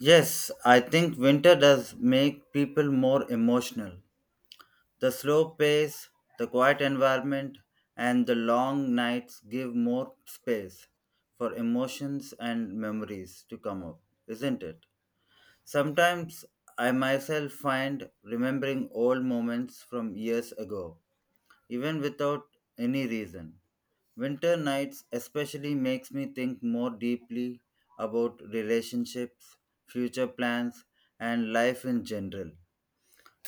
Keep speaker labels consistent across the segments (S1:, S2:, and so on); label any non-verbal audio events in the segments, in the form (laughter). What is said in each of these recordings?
S1: Yes, I think winter does make people more emotional. The slow pace, the quiet environment, and the long nights give more space for emotions and memories to come up, isn't it? Sometimes I myself find remembering old moments from years ago even without any reason. Winter nights especially makes me think more deeply about relationships, future plans, and life in general.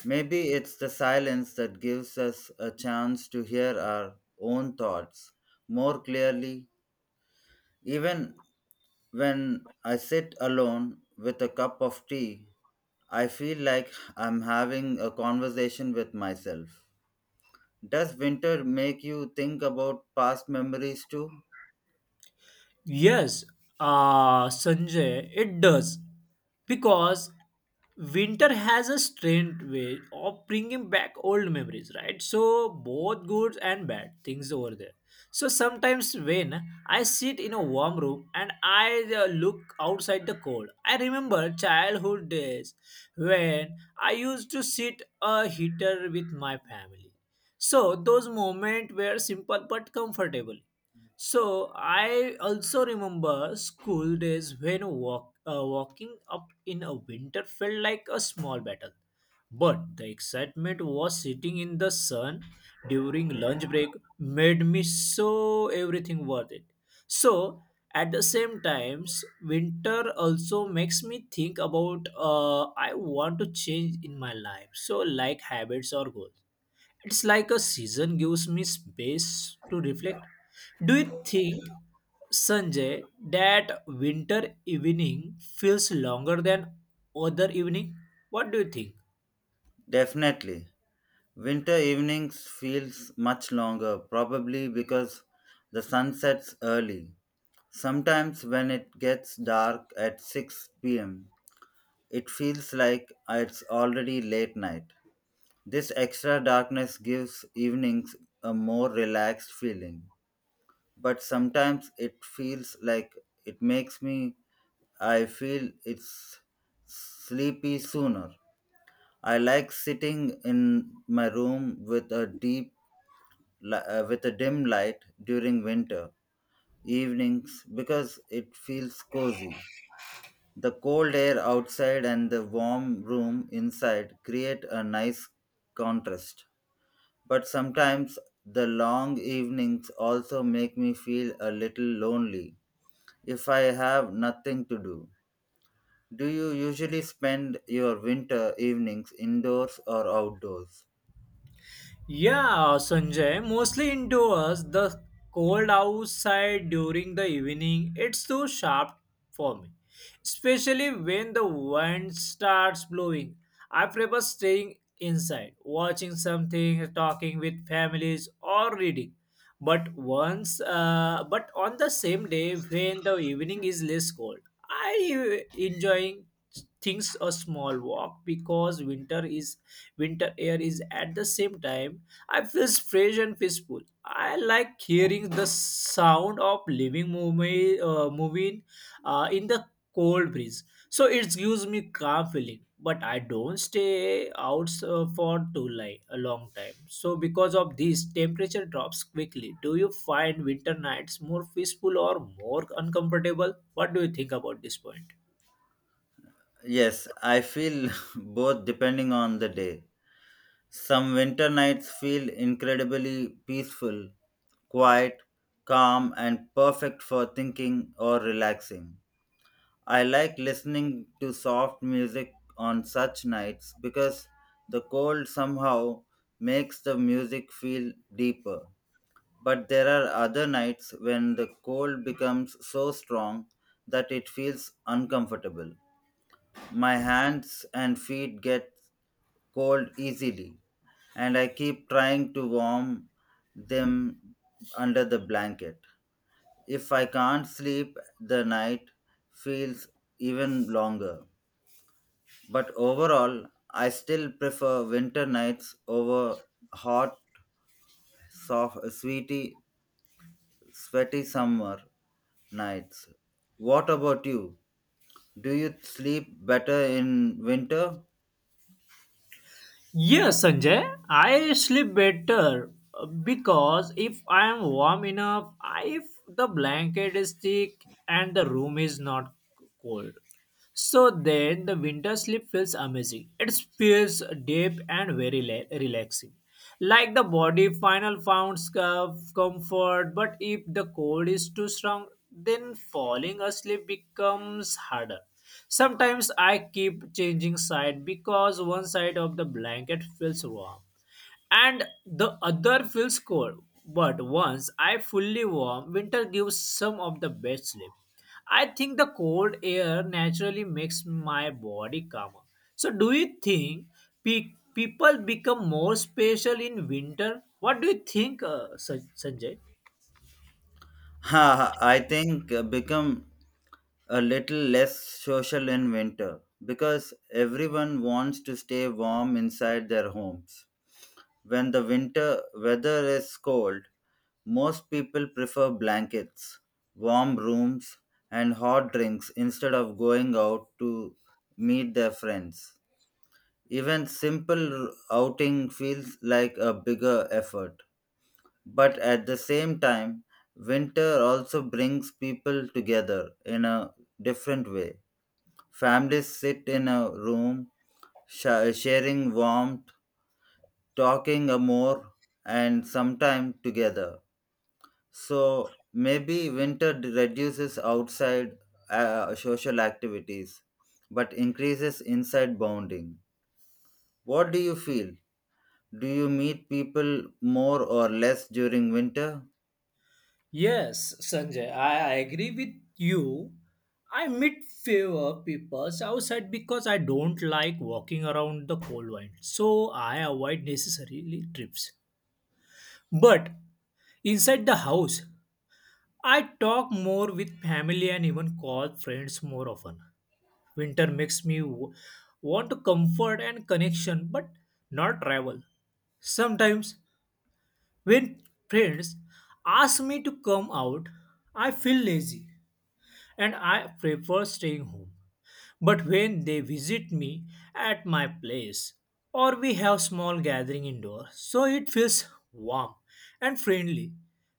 S1: Maybe it's the silence that gives us a chance to hear our own thoughts more clearly. Even when I sit alone with a cup of tea, I feel like I'm having a conversation with myself. Does winter make you think about past memories too?
S2: Yes, Sanjay, it does. Because winter has a strange way of bringing back old memories, right? So, both good and bad things over there. So, sometimes when I sit in a warm room and I look outside the cold, I remember childhood days when I used to sit a heater with my family. So, those moments were simple but comfortable so I also remember school days when walking up in a winter felt like a small battle. But the excitement was sitting in the sun during lunch break made me so everything worth it. So at the same times, winter also makes me think about I want to change in my life. So like habits or goals. It's like a season gives me space to reflect. Do you think, Sanjay, that winter evening feels longer than other evening? What do you think?
S1: Definitely. Winter evenings feels much longer, probably because the sun sets early. Sometimes when it gets dark at 6 p.m., it feels like it's already late night. This extra darkness gives evenings a more relaxed feeling. But sometimes it feels like it makes me I feel it's sleepy sooner. I like sitting in my room with a deep with a dim light during winter evenings because it feels cozy. The cold air outside and the warm room inside create a nice contrast. But sometimes the long evenings also make me feel a little lonely. If I have nothing to do, do you usually spend your winter evenings indoors or outdoors?
S2: Yeah, Sanjay, mostly indoors. The cold outside during the evening, it's too sharp for me. Especially when the wind starts blowing. I prefer staying inside, watching something, talking with families or reading. But once but on the same day when the evening is less cold, I enjoying things a small walk because winter air is at the same time I feel fresh and peaceful. I like hearing the sound of living moving in the cold breeze. So it gives me calm feeling, but I don't stay out for too like a long time. So because of this, temperature drops quickly. Do you find winter nights more peaceful or more uncomfortable? What do you think about this point?
S1: Yes, I feel (laughs) both depending on the day. Some winter nights feel incredibly peaceful, quiet, calm, and perfect for thinking or relaxing. I like listening to soft music on such nights because the cold somehow makes the music feel deeper. But there are other nights when the cold becomes so strong that it feels uncomfortable. My hands and feet get cold easily, and I keep trying to warm them under the blanket. If I can't sleep, the night feels even longer. But overall, I still prefer winter nights over hot, soft, sweety, sweaty summer nights. What about you? Do you sleep better in winter?
S2: Yes, Sanjay, I sleep better because if I am warm enough, if the blanket is thick and the room is not cold. So then the winter sleep feels amazing. It feels deep and very relaxing. Like the body final found comfort, but if the cold is too strong, then falling asleep becomes harder. Sometimes I keep changing side because one side of the blanket feels warm and the other feels cold. But once I fully warm, winter gives some of the best sleep. I think the cold air naturally makes my body calmer. So, do you think people become more special in winter? What do you think, Sanjay?
S1: Ha, I think become a little less social in winter because everyone wants to stay warm inside their homes. When the winter weather is cold, most people prefer blankets, warm rooms, and hot drinks instead of going out to meet their friends. Even simple outing feels like a bigger effort. But at the same time, winter also brings people together in a different way. Families sit in a room, sharing warmth, talking a more, and sometime together. So maybe winter reduces outside social activities but increases inside bonding. What do you feel? Do you meet people more or less during winter?
S2: Yes, Sanjay, I agree with you. I meet fewer people outside because I don't like walking around the cold wind, so I avoid necessarily trips. But inside the house, I talk more with family and even call friends more often. Winter makes me want to comfort and connection, but not travel. Sometimes, when friends ask me to come out, I feel lazy and I prefer staying home. But when they visit me at my place or we have small gathering indoors, so it feels warm and friendly.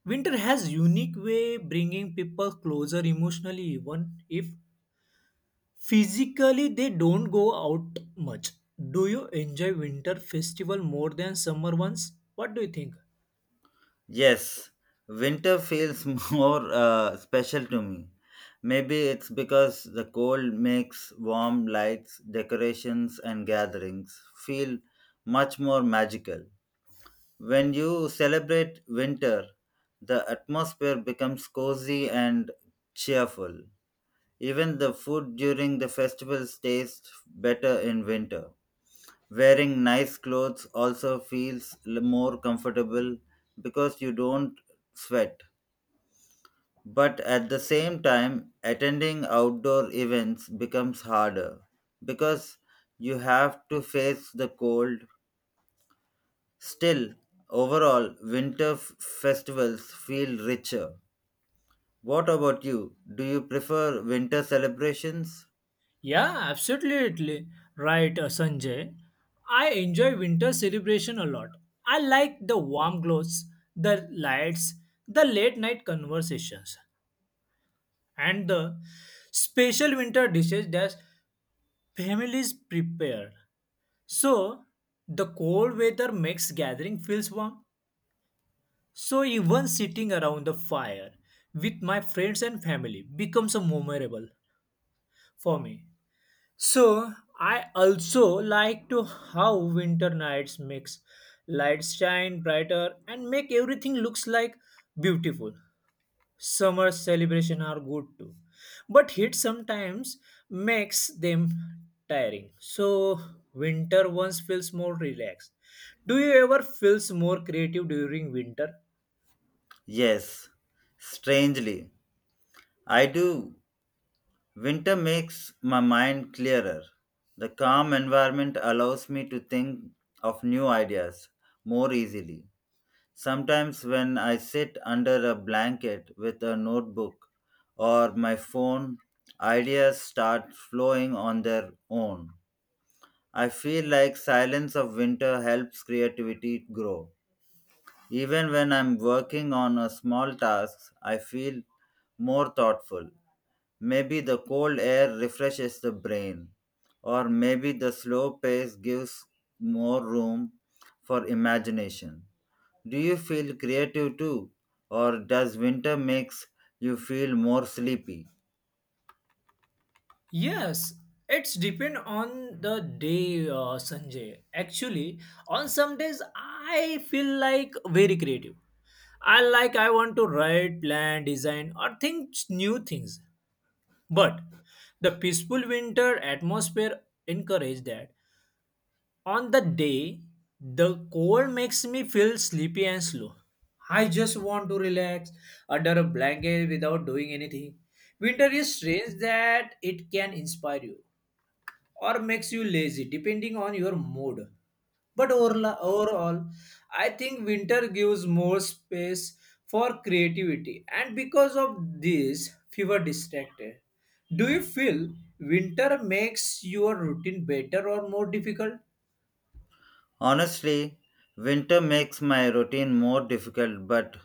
S2: Winter has unique way bringing people closer emotionally even if physically they don't go out much. Do you enjoy winter festival more than summer ones? What do you think?
S1: Yes, winter feels (laughs) more special to me. Maybe it's because the cold makes warm lights, decorations, and gatherings feel much more magical. When you celebrate winter, the atmosphere becomes cozy and cheerful. Even the food during the festivals tastes better in winter. Wearing nice clothes also feels more comfortable because you don't sweat. But at the same time, attending outdoor events becomes harder because you have to face the cold. Still, overall, winter festivals feel richer. What about you? Do you prefer winter celebrations?
S2: Yeah, absolutely right, Sanjay. I enjoy winter celebration a lot. I like the warm clothes, the lights, the late night conversations, and the special winter dishes that families prepare. So, the cold weather makes gathering feels warm. So, even sitting around the fire with my friends and family becomes a memorable for me. So I also like to how winter nights makes lights shine brighter and make everything looks like beautiful. Summer celebration are good too, but heat sometimes makes them tiring. So winter once feels more relaxed. Do you ever feels more creative during winter?
S1: Yes, strangely. I do. Winter makes my mind clearer. The calm environment allows me to think of new ideas more easily. Sometimes, when I sit under a blanket with a notebook or my phone, ideas start flowing on their own. I feel like silence of winter helps creativity grow. Even when I'm working on a small task, I feel more thoughtful. Maybe the cold air refreshes the brain, or maybe the slow pace gives more room for imagination. Do you feel creative too, or does winter makes you feel more sleepy?
S2: Yes, it's depend on the day, Sanjay. Actually, on some days I feel like very creative. I want to write, plan, design, or think new things. But the peaceful winter atmosphere encourage that. On the day, the cold makes me feel sleepy and slow. I just want to relax under a blanket without doing anything. Winter is strange that it can inspire you or makes you lazy depending on your mood. But overall, I think winter gives more space for creativity, and because of this, fewer distracted. Do you feel winter makes your routine better or more difficult?
S1: Honestly, winter makes my routine more difficult but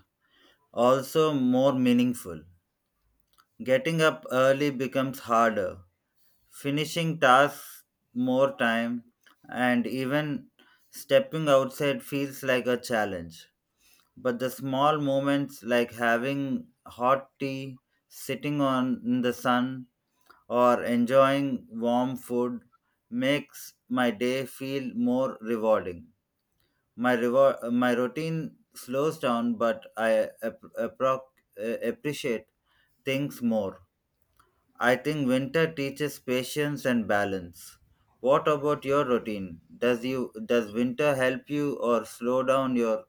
S1: also more meaningful. Getting up early becomes harder, finishing tasks more time and even stepping outside feels like a challenge. But the small moments like having hot tea, sitting on in the sun, or enjoying warm food makes my day feel more rewarding. My reward, my routine slows down, but I appreciate things more. I think winter teaches patience and balance. What about your routine? Does winter help you or slow down your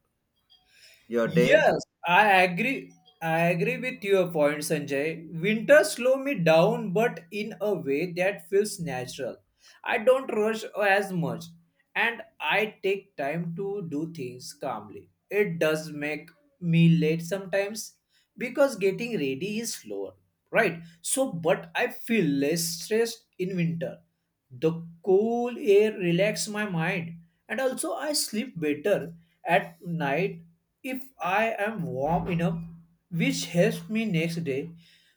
S1: your day?
S2: Yes, I agree. I agree with your point, Sanjay. Winter slow me down, but in a way that feels natural. I don't rush as much, and I take time to do things calmly. It does make me late sometimes because getting ready is slower, right? So, but I feel less stressed in winter. The cool air relaxes my mind, and also I sleep better at night if I am warm enough, which helps me next day.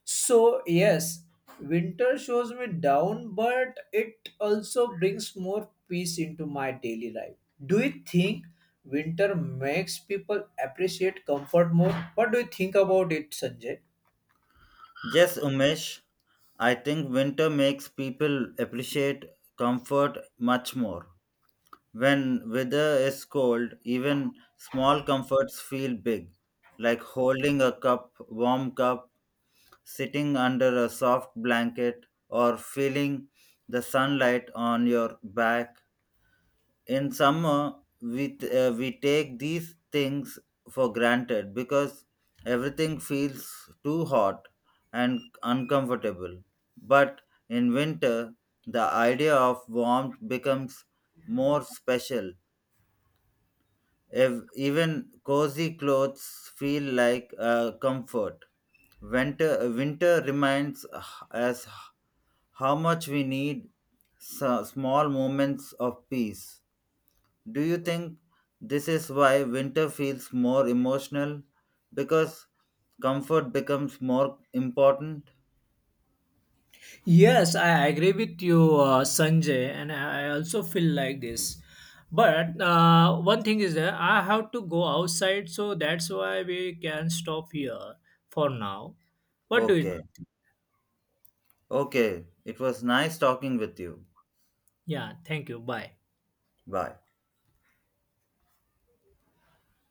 S2: So, yes, winter shows me down, but it also brings more peace into my daily life. Do you think winter makes people appreciate comfort more? What do you think about it, Sanjay?
S1: Yes, Umesh. I think winter makes people appreciate comfort much more. When weather is cold, even small comforts feel big, like holding a cup, warm cup, sitting under a soft blanket, or feeling the sunlight on your back. In summer we take these things for granted because everything feels too hot and uncomfortable, but in winter the idea of warmth becomes more special. If even cozy clothes feel like comfort, winter reminds us how much we need small moments of peace. Do you think this is why winter feels more emotional? Because comfort becomes more important?
S2: Yes, I agree with you, Sanjay, and I also feel like this. But one thing is that I have to go outside, so that's why we can stop here for now. What do you?
S1: Okay. Okay. It was nice talking with you.
S2: Yeah, thank you. Bye.
S1: Bye.